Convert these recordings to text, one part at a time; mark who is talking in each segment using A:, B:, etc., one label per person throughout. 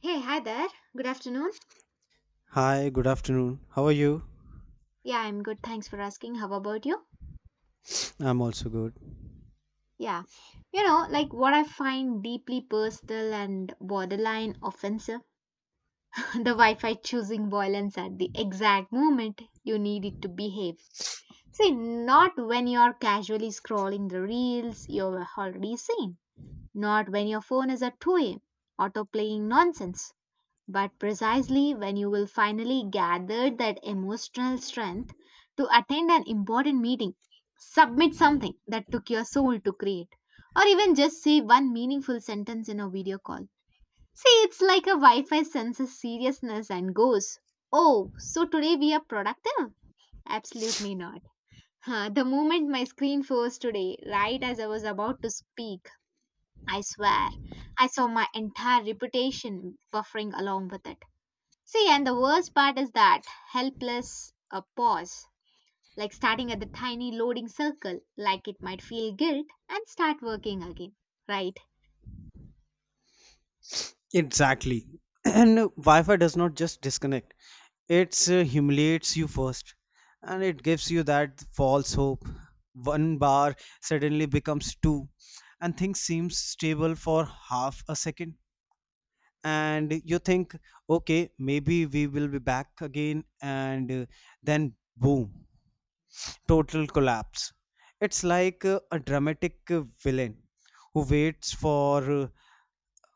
A: Hey, hi there. Good afternoon.
B: Hi, good afternoon. How are you?
A: Yeah, I'm good. Thanks for asking. How about you?
B: I'm also good.
A: Yeah. You know, like what I find deeply personal and borderline offensive the Wi Fi choosing violence at the exact moment you need it to behave. See, not when you're casually scrolling the reels you're already seen, not when your phone is at 2 a.m. auto playing nonsense, but precisely when you will finally gather that emotional strength to attend an important meeting, submit something that took your soul to create, or even just say one meaningful sentence in a video call. See, it's like a Wi Fi senses seriousness and goes, "Oh, so today we are productive? Absolutely not." Huh, the moment my screen froze today, right as I was about to speak, I swear, I saw my entire reputation buffering along with it. See, and the worst part is that helpless a pause, like starting at the tiny loading circle, like it might feel guilt and start working again, right?
B: Exactly. And Wi Fi does not just disconnect, it humiliates you first and it gives you that false hope. One bar suddenly becomes two, and things seem stable for half a second. And you think, okay, maybe we will be back again, and then boom, total collapse. It's like a dramatic villain who waits for uh,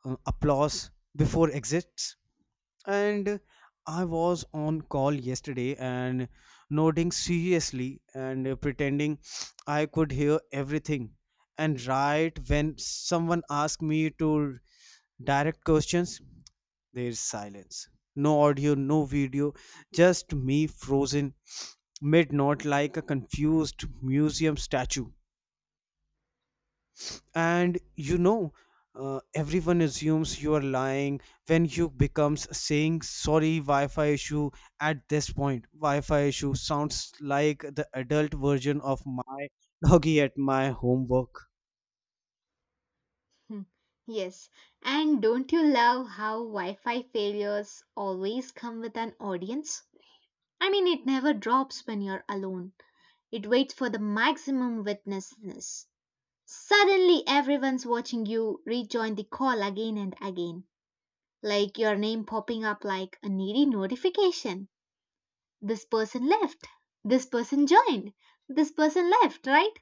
B: uh, applause before exits and I was on call yesterday and nodding seriously and pretending I could hear everything and right when someone asked me to direct questions there's silence, no audio, no video, just me frozen mid note like a confused museum statue. And you know everyone assumes you are lying when you becomes saying sorry wi-fi issue. At this point wi-fi issue sounds like the adult version of my doggy at my homework.
A: Hmm. Yes. And don't you love how Wi Fi failures always come with an audience? I mean, it never drops when you're alone, it waits for the maximum witnessness. Suddenly, everyone's watching you rejoin the call again and again, like your name popping up like a needy notification. This person left. This person joined. This person left, right?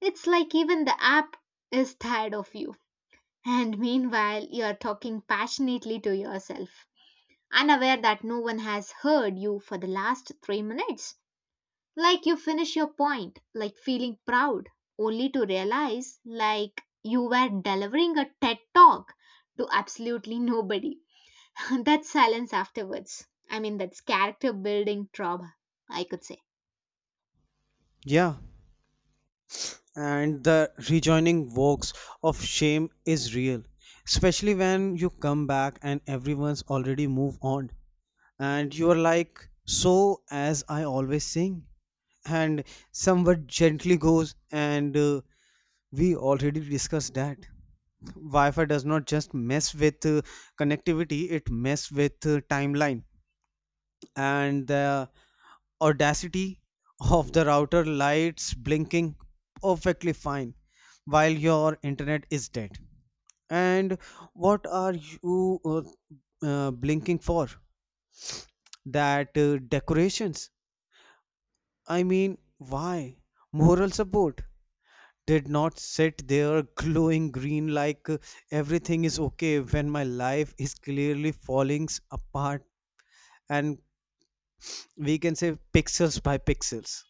A: It's like even the app is tired of you. And meanwhile, you're talking passionately to yourself, unaware that no one has heard you for the last 3 minutes. Like you finish your point, like feeling proud, only to realize like you were delivering a TED talk to absolutely nobody. That silence afterwards. I mean, that's character building trauma, I could say.
B: Yeah, and the rejoining works of shame is real, especially when you come back and everyone's already moved on and you are like, so as I always sing. And someone gently goes and we already discussed that. Wi-Fi does not just mess with connectivity, it mess with timeline and the audacity of the router lights blinking perfectly fine while your internet is dead. And what are you blinking for? That decorations. I mean, why? Moral support did not sit there glowing green like everything is okay when my life is clearly falling apart and we can say pixels by pixels.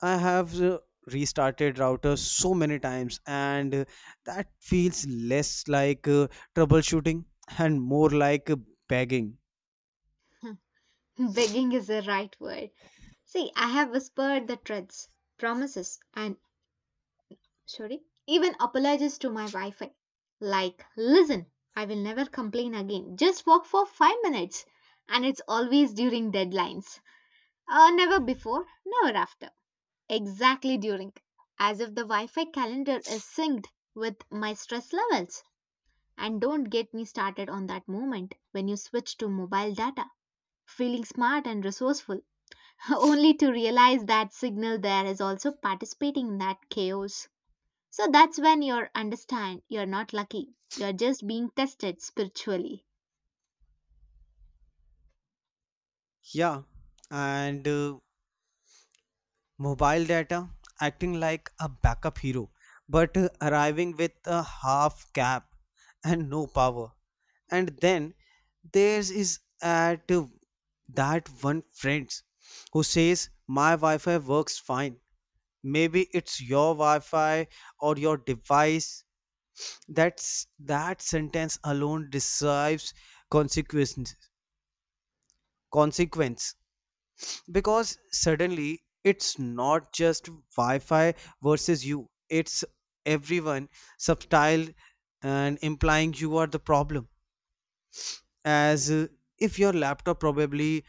B: I have restarted routers so many times and that feels less like troubleshooting and more like begging.
A: Begging is the right word. See, I have whispered the threats, promises, and sorry, even apologies to my Wi Fi. Like, listen, I will never complain again. Just walk for 5 minutes. And it's always during deadlines. Never before, never after. Exactly during. As if the Wi Fi calendar is synced with my stress levels. And don't get me started on that moment when you switch to mobile data, feeling smart and resourceful, only to realize that signal there is also participating in that chaos. So that's when you understand you're not lucky. You're just being tested spiritually.
B: Yeah, and mobile data acting like a backup hero but arriving with a half cap and no power. And then there is at that one friend who says my wi-fi works fine, maybe it's your wi-fi or your device. That's that sentence alone deserves consequences. Consequence, because suddenly it's not just wi-fi versus you, it's everyone subtile and implying you are the problem, as if your laptop probably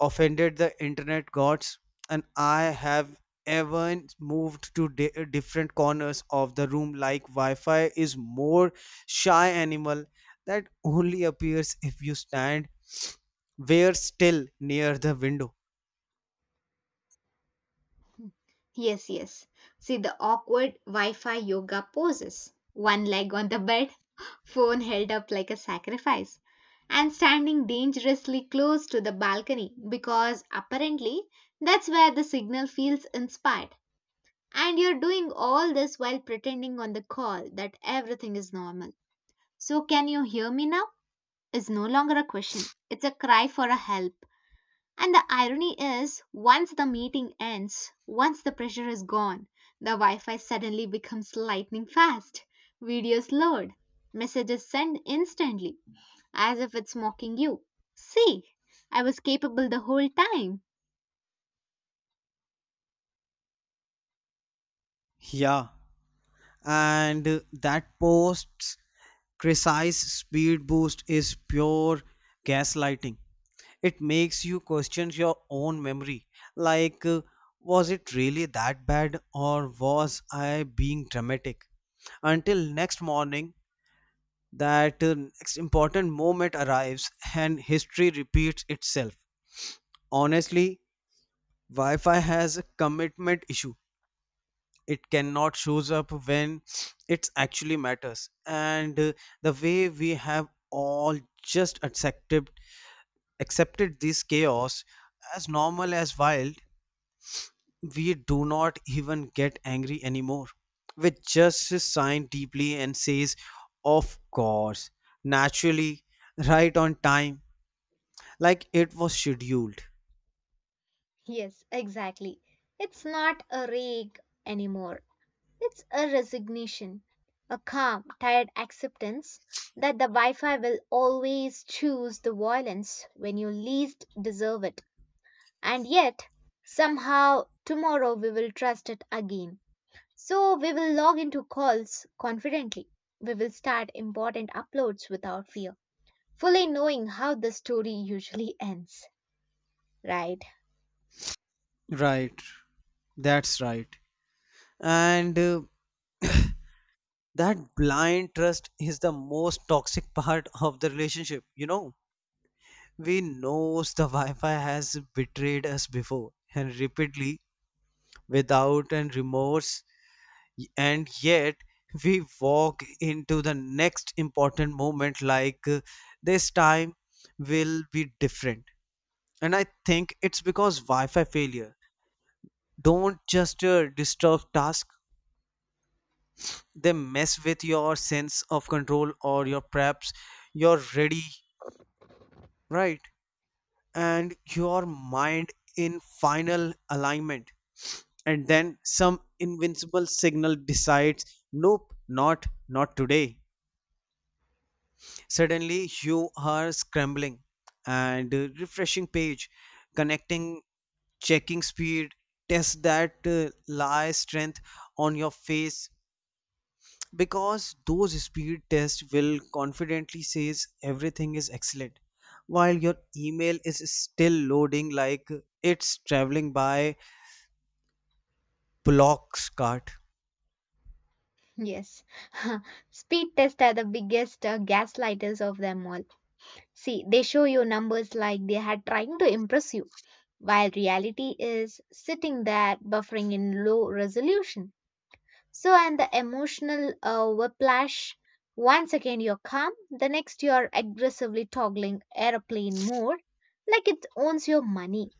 B: offended the internet gods. And I have even moved to different corners of the room like wi-fi is more shy animal that only appears if you stand where still near the window.
A: Yes, yes. See the awkward Wi Fi yoga poses, one leg on the bed, phone held up like a sacrifice, and standing dangerously close to the balcony because apparently that's where the signal feels inspired. And you're doing all this while pretending on the call that everything is normal. So, "Can you hear me now?" is no longer a question, it's a cry for a help. And the irony is, once the meeting ends, once the pressure is gone, the Wi Fi suddenly becomes lightning fast. Videos load, messages sent instantly, as if it's mocking you. See, I was capable the whole time.
B: Yeah, and that post's precise speed boost is pure gaslighting. It makes you question your own memory. Like, was it really that bad or was I being dramatic? Until next morning, that next important moment arrives and history repeats itself. Honestly, Wi Fi has a commitment issue. It cannot shows up when it actually matters. And the way we have all just accepted this chaos as normal as wild. We do not even get angry anymore. We just sigh deeply and says, "Of course, naturally, right on time, like it was scheduled."
A: Yes, exactly. It's not a rake anymore. It's a resignation, a calm, tired acceptance that the Wi Fi will always choose the violence when you least deserve it. And yet, somehow, tomorrow we will trust it again. So we will log into calls confidently. We will start important uploads without fear, fully knowing how the story usually ends. Right?
B: Right, that's right. And that blind trust is the most toxic part of the relationship. You know, we knows the Wi-Fi has betrayed us before and repeatedly without and remorse, and yet we walk into the next important moment like, this time will be different. And I think it's because wi-fi failure don't just disturb task, they mess with your sense of control, or your perhaps your ready, right? And your mind in final alignment, and then some invincible signal decides nope, not today. Suddenly you are scrambling and refreshing page, connecting, checking speed test that lie strength on your face, because those speed tests will confidently says everything is excellent while your email is still loading like it's traveling by blocks cart.
A: Yes. Speed tests are the biggest gaslighters of them all. See, they show you numbers like they are trying to impress you, while reality is sitting there buffering in low resolution. So, and the emotional whiplash, 1 second you're calm, the next you're aggressively toggling airplane mode like it owns your money.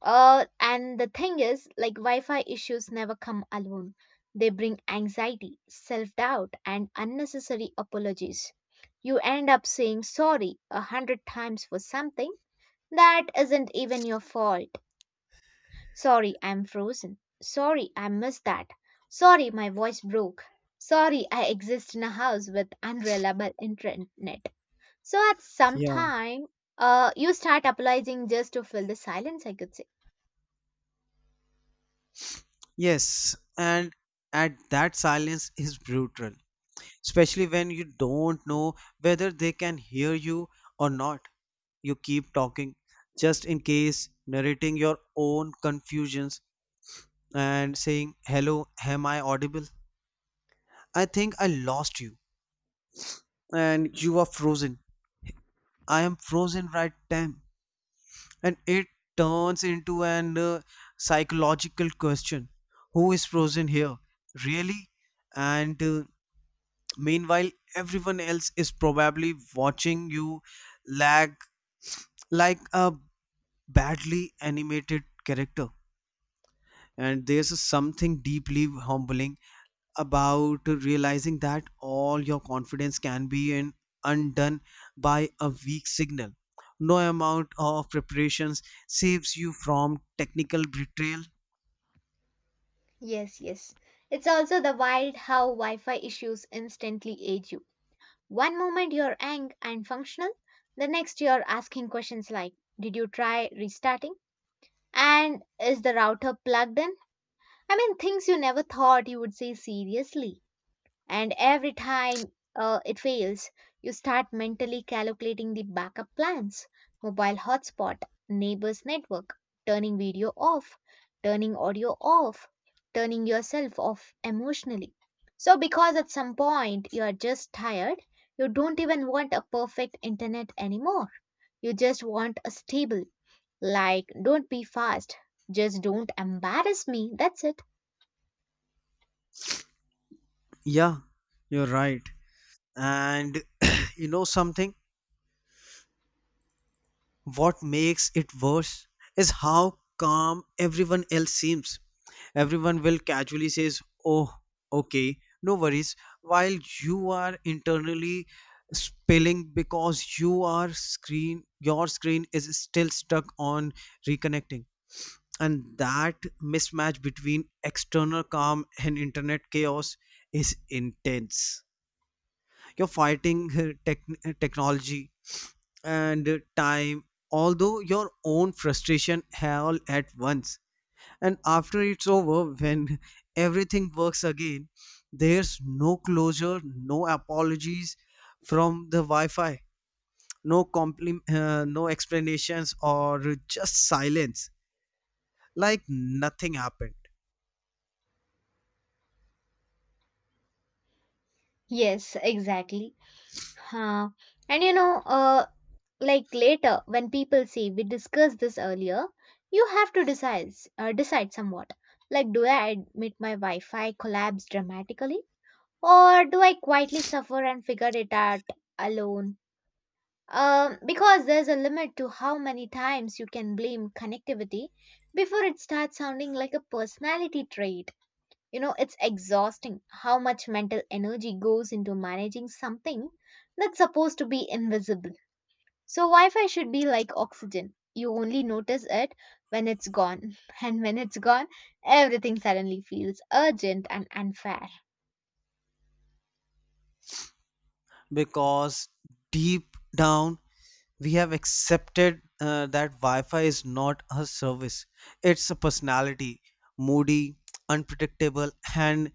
A: And the thing is, like Wi Fi issues never come alone. They bring anxiety, self doubt, and unnecessary apologies. You end up saying sorry 100 times for something that isn't even your fault. Sorry, I'm frozen. Sorry, I missed that. Sorry, my voice broke. Sorry, I exist in a house with unreliable internet. So at some
B: Yeah.
A: time, you start apologizing just to fill the silence, I could say.
B: Yes, and at that silence is brutal, especially when you don't know whether they can hear you or not. You keep talking just in case, narrating your own confusions and saying, hello, am I audible? I think I lost you, and you are frozen. I am frozen right time, and it turns into an psychological question, who is frozen here, really? And meanwhile, everyone else is probably watching you lag like a badly animated character. And there's something deeply humbling about realizing that all your confidence can be undone by a weak signal. No amount of preparations saves you from technical betrayal.
A: Yes, yes. It's also the wild how Wi Fi issues instantly age you. One moment you're young and functional, the next you're asking questions like, "Did you try restarting? And is the router plugged in?" I mean, things you never thought you would say seriously. And every time it fails, you start mentally calculating the backup plans, mobile hotspot, neighbors network, turning video off, turning audio off, turning yourself off emotionally. So because at some point you are just tired, you don't even want a perfect internet anymore, you just want a stable, like don't be fast, just don't embarrass me, that's it.
B: Yeah, you're right. And you know something? What makes it worse is how calm everyone else seems. Everyone will casually says, "Oh, okay, no worries," while you are internally spilling because your screen is still stuck on reconnecting. And that mismatch between external calm and internet chaos is intense. You're fighting technology and time, although your own frustration all at once. And after it's over, when everything works again, there's no closure, no apologies from the wi-fi, no no explanations, or just silence like nothing happened.
A: Yes, exactly. Huh. And you know, like later when people say we discussed this earlier, you have to decide, decide somewhat. Like, do I admit my Wi-Fi collapse dramatically, or do I quietly suffer and figure it out alone? Because there's a limit to how many times you can blame connectivity before it starts sounding like a personality trait. You know, it's exhausting how much mental energy goes into managing something that's supposed to be invisible. So, Wi Fi should be like oxygen. You only notice it when it's gone. And when it's gone, everything suddenly feels urgent and unfair.
B: Because deep down we have accepted that Wi-Fi is not a service; it's a personality, moody, unpredictable, and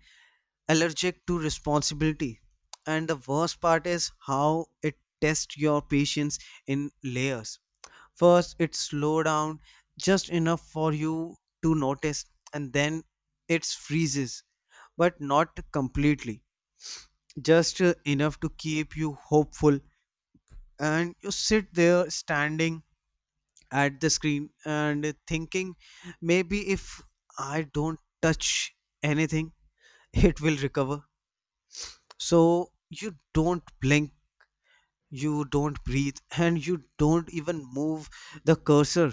B: allergic to responsibility. And the worst part is how it tests your patience in layers. First, it slows down just enough for you to notice, and then it freezes, but not completely, just enough to keep you hopeful. And you sit there standing at the screen and thinking, maybe if I don't touch anything, it will recover. So you don't blink, you don't breathe, and you don't even move the cursor.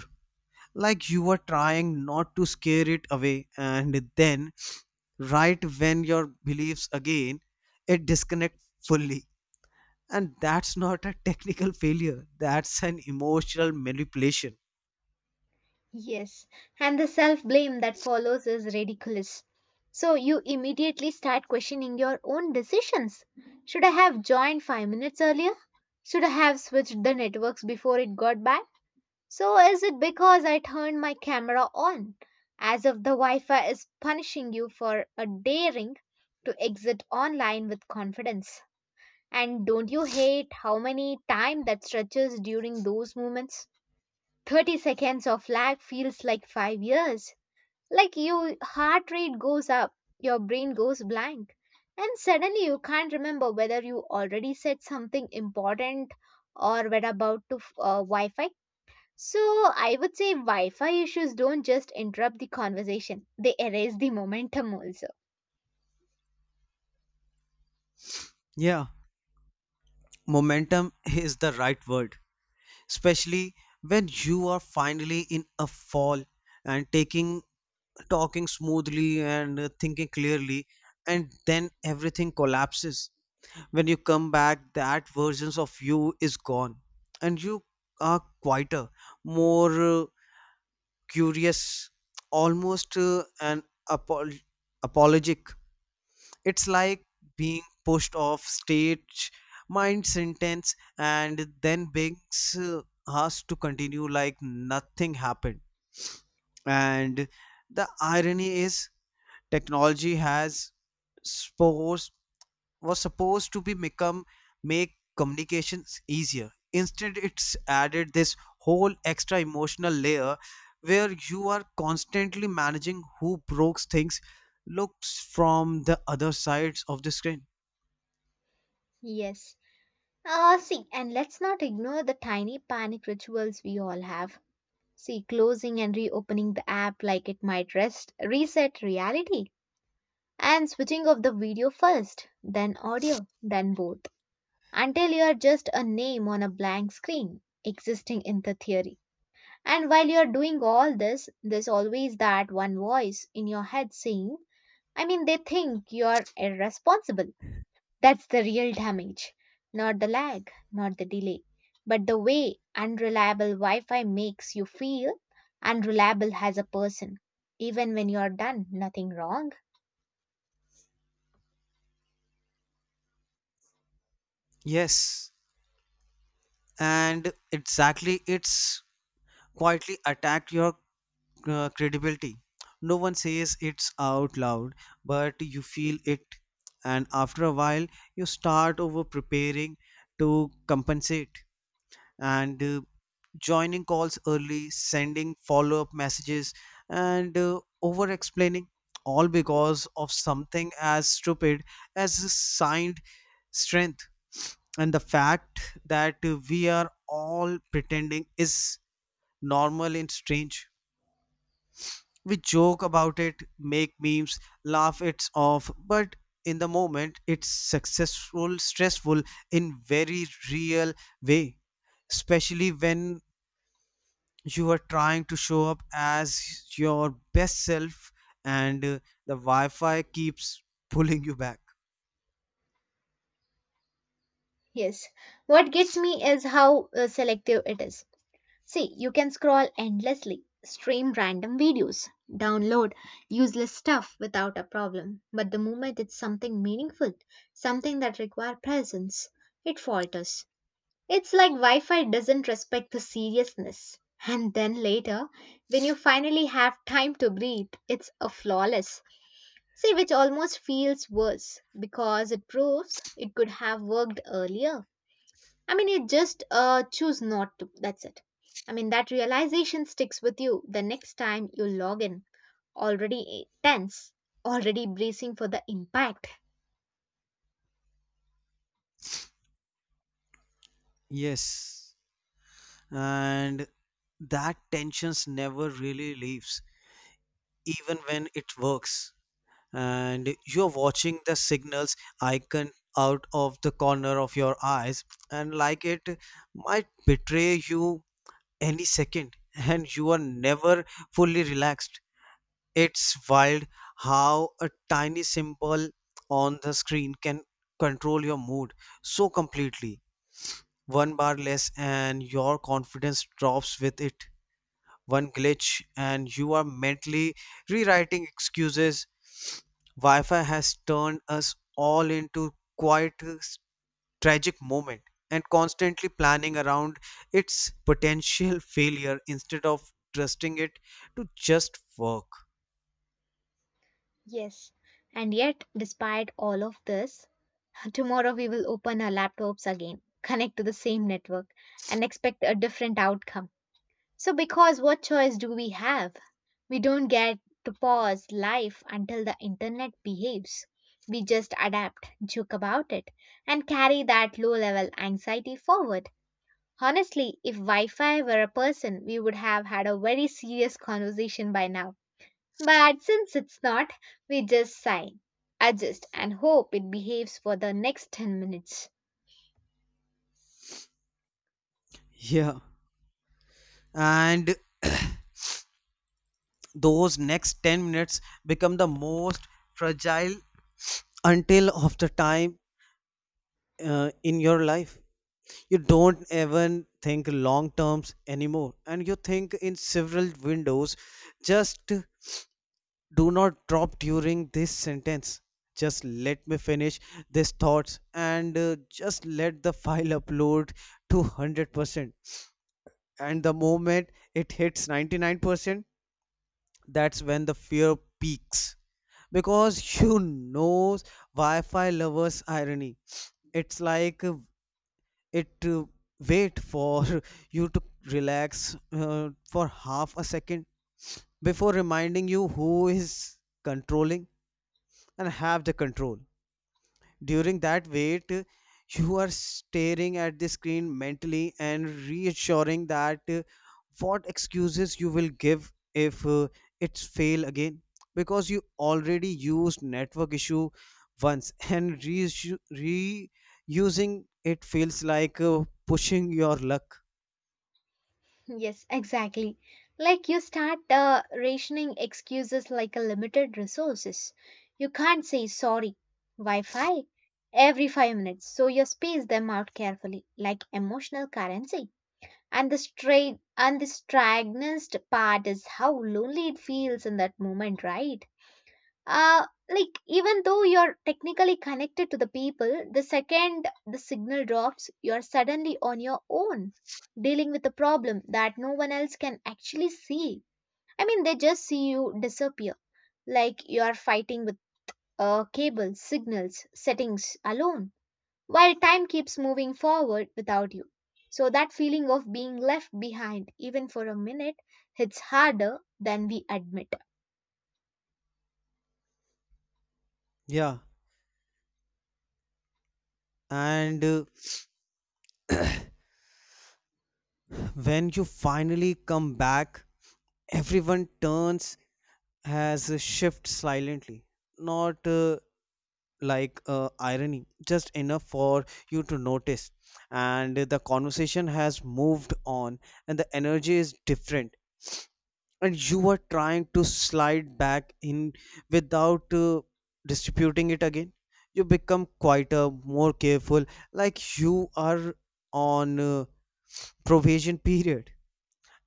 B: Like you are trying not to scare it away, and then right when your beliefs again, it disconnect fully. And that's not a technical failure, that's an emotional manipulation.
A: Yes, and the self blame that follows is ridiculous. So, you immediately start questioning your own decisions. Should I have joined 5 minutes earlier? Should I have switched the networks before it got bad? So, is it because I turned my camera on? As if the Wi Fi is punishing you for a daring to exit online with confidence. And don't you hate how many time that stretches during those moments? 30 seconds of lag feels like 5 years. Like your heart rate goes up, your brain goes blank, and suddenly you can't remember whether you already said something important or were about to Wi Fi. So I would say Wi-Fi issues don't just interrupt the conversation, they erase the momentum also.
B: Yeah, momentum is the right word. Especially when you are finally in a fall and taking talking smoothly and thinking clearly, and then everything collapses. When you come back, that versions of you is gone, and you are quieter, more curious, almost apol- apologetic. It's like being pushed off stage, mind sentence, and then being uh, asked to continue like nothing happened. And the irony is, technology has supposed was supposed to be become make communications easier. Instead, it's added this whole extra emotional layer where you are constantly managing who broke things looks from the other sides of the screen.
A: Yes. See, and let's not ignore the tiny panic rituals we all have. See, closing and reopening the app like it might rest, reset reality. And switching off the video first, then audio, then both. Until you're just a name on a blank screen, existing in the theory. And while you're doing all this, there's always that one voice in your head saying, I mean, they think you're irresponsible. That's the real damage. Not the lag, not the delay, but the way unreliable Wi Fi makes you feel unreliable as a person, even when you're done nothing wrong.
B: Yes, and exactly, it's quietly attacked your credibility. No one says it's out loud, but you feel it. And after a while, you start over preparing to compensate and joining calls early, sending follow up messages, and over explaining. All because of something as stupid as a signed strength. And the fact that we are all pretending is normal and strange, we joke about it, make memes, laugh it off, but in the moment it's successful stressful, in very real way. Especially when you are trying to show up as your best self, and the wi-fi keeps pulling you back.
A: Yes. What gets me is how selective it is. See, you can scroll endlessly, stream random videos, download useless stuff without a problem. But the moment it's something meaningful, something that requires presence, it falters. It's like Wi Fi doesn't respect the seriousness. And then later, when you finally have time to breathe, it's a flawless. See, which almost feels worse because it proves it could have worked earlier. I mean, you just choose not to. That's it. I mean, that realization sticks with you the next time you log in, already tense, already bracing for the impact.
B: Yes, and that tensions never really leaves, even when it works. And you're watching the signals icon out of the corner of your eyes, and like it might betray you any second, and you are never fully relaxed. It's wild how a tiny symbol on the screen can control your mood so completely. One bar less and your confidence drops with it. One glitch and you are mentally rewriting excuses. Wi-Fi has turned us all into quite a tragic moment, and constantly planning around its potential failure instead of trusting it to just work.
A: Yes. And yet, despite all of this, tomorrow we will open our laptops again, connect to the same network, and expect a different outcome. So, because what choice do we have? We don't get to pause life until the internet behaves. We just adapt, joke about it, and carry that low level anxiety forward. Honestly, if Wi Fi were a person, we would have had a very serious conversation by now. But since it's not, we just sigh, adjust, and hope it behaves for the next 10 minutes.
B: Yeah. And those next 10 minutes become the most fragile until of the time in your life. You don't even think long terms anymore, and you think in several windows, just do not drop during this sentence, just let me finish these thoughts, and just let the file upload to 100%. And the moment it hits 99%, that's when the fear peaks, because you know wi-fi lovers irony. It's like it wait for you to relax for half a second before reminding you who is controlling and have the control. During that wait, you are staring at the screen mentally and reassuring that what excuses you will give if it's fail again. Because you already used network issue once and reusing it feels like pushing your luck.
A: Yes, exactly. Like you start rationing excuses like a limited resources. You can't say sorry. Wi-Fi every 5 minutes, so you space them out carefully, like emotional currency. And the straight and the straightest part is how lonely it feels in that moment, right? Like even though you're technically connected to the people, the second the signal drops you're suddenly on your own, dealing with a problem that no one else can actually see. I mean they just see you disappear, like you're fighting with cable signals settings alone while time keeps moving forward without you. So that feeling of being left behind, even for a minute, hits harder than we admit.
B: Yeah, and when you finally come back, everyone turns has a shift silently. Not like irony, just enough for you to notice. And the conversation has moved on, and the energy is different. And you are trying to slide back in without distributing it again. You become quieter, more careful, like you are on provision period.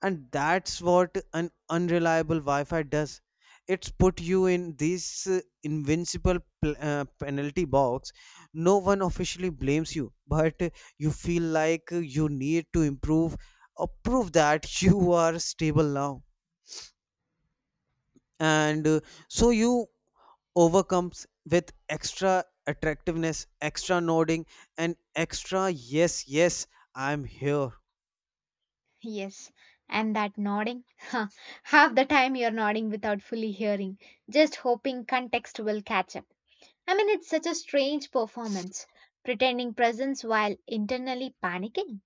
B: And that's what an unreliable wi-fi does. It's put you in this invincible penalty box. No one officially blames you, but you feel like you need to improve or prove that you are stable now. And so you overcomes with extra attractiveness, extra nodding, and extra yes, yes, I'm here.
A: Yes, and that nodding. Half the time you're nodding without fully hearing, just hoping context will catch up. I mean, it's such a strange performance, pretending presence while internally panicking.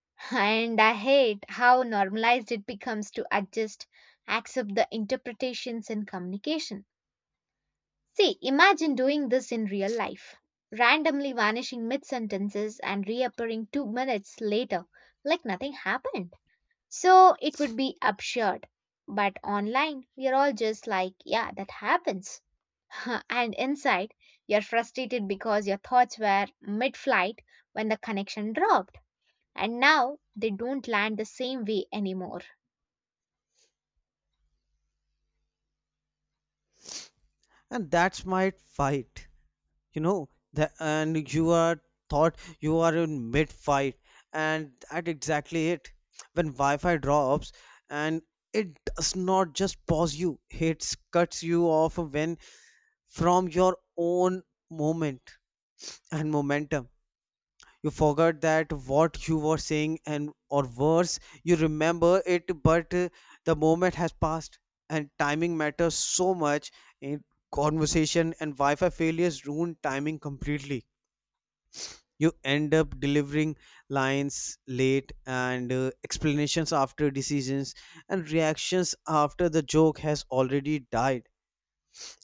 A: And I hate how normalized it becomes to adjust, accept the interpretations in communication. See, imagine doing this in real life. Randomly vanishing mid sentences and reappearing 2 minutes later, like nothing happened. So it would be absurd. But online, we are all just like, yeah, that happens. And inside, you're frustrated because your thoughts were mid flight when the connection dropped. And now they don't land the same way anymore.
B: And that's my fight, you know that, and you are thought you are in mid fight, and that exactly it, when wi-fi drops, and it does not just pause you, it cuts you off when from your own moment and momentum. You forgot that what you were saying, and or worse, you remember it, but the moment has passed, and timing matters so much in conversation, and wi-fi failures ruin timing completely. You end up delivering lines late, and explanations after decisions, and reactions after the joke has already died.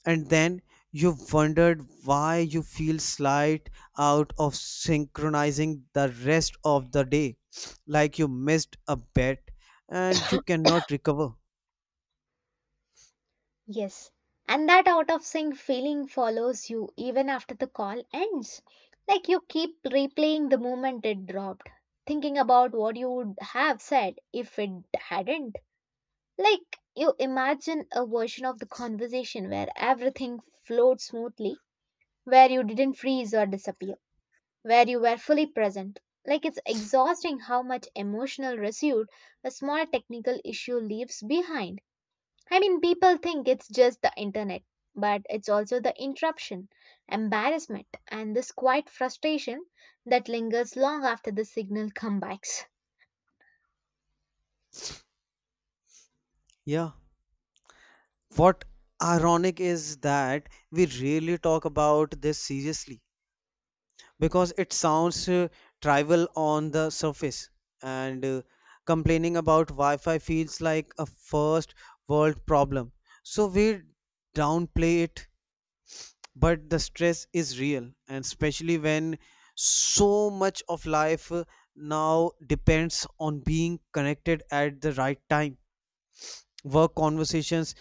B: And then you wondered why you feel slight out of synchronizing the rest of the day, like you missed a bet and you cannot recover.
A: Yes. And that out of sync feeling follows you even after the call ends. Like you keep replaying the moment it dropped, thinking about what you would have said if it hadn't. Like, you imagine a version of the conversation where everything flowed smoothly, where you didn't freeze or disappear, where you were fully present. Like, it's exhausting how much emotional residue a small technical issue leaves behind. I mean, people think it's just the internet, but it's also the interruption, embarrassment, and this quiet frustration that lingers long after the signal comebacks.
B: Yeah, what ironic is that we really talk about this seriously, because it sounds trivial on the surface, and complaining about wi-fi feels like a first world problem, so we downplay it. But the stress is real, and especially when so much of life now depends on being connected at the right time, work conversations,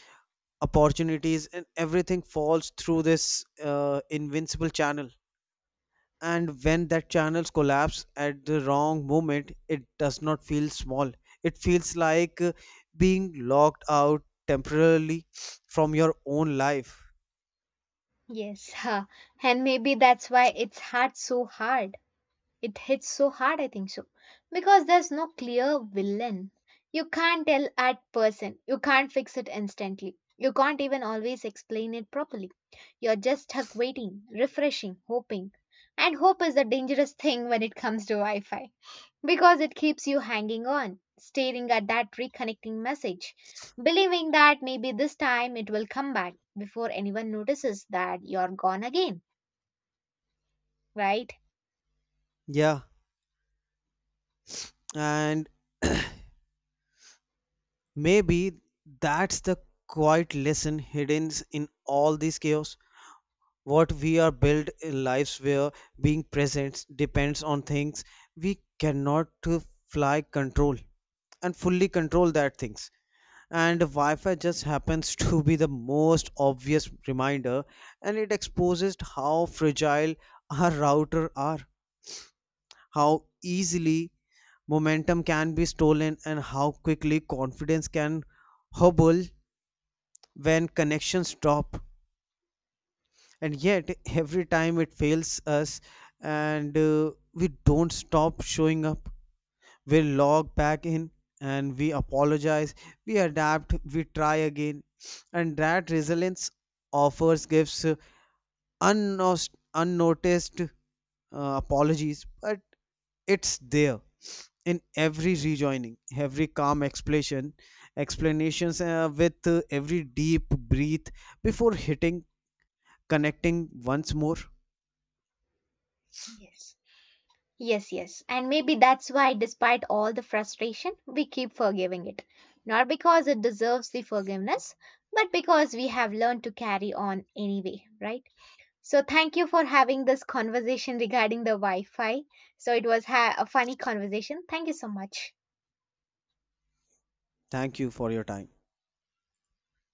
B: opportunities, and everything falls through this invincible channel. And when that channels collapse at the wrong moment, it does not feel small, it feels like being locked out temporarily from your own life.
A: Yes, huh. and maybe that's why it's hard so hard It hits so hard, I think so. Because there's no clear villain. You can't tell at person. You can't fix it instantly. You can't even always explain it properly. You're just stuck waiting, refreshing, hoping. And hope is a dangerous thing when it comes to Wi Fi because it keeps you hanging on, staring at that reconnecting message, believing that maybe this time it will come back before anyone notices that you're gone again, right?
B: Yeah, and maybe that's the quiet lesson hidden in all this chaos, what we are built in lives where being present depends on things we cannot fly control, and fully control that things. And wi-fi just happens to be the most obvious reminder, and it exposes how fragile our router are, how easily momentum can be stolen, and how quickly confidence can hobble when connections stop. And yet every time it fails us, and we don't stop showing up, we log back in, and we apologize, we adapt, we try again. And that resilience offers gives unnoticed apologies, but it's there in every rejoining, every calm explanations with every deep breath before hitting connecting once more.
A: Yes. Yes, yes. And maybe that's why, despite all the frustration, we keep forgiving it. Not because it deserves the forgiveness, but because we have learned to carry on anyway, right? So, thank you for having this conversation regarding the Wi Fi. So, it was a funny conversation. Thank you so much.
B: Thank you for your time.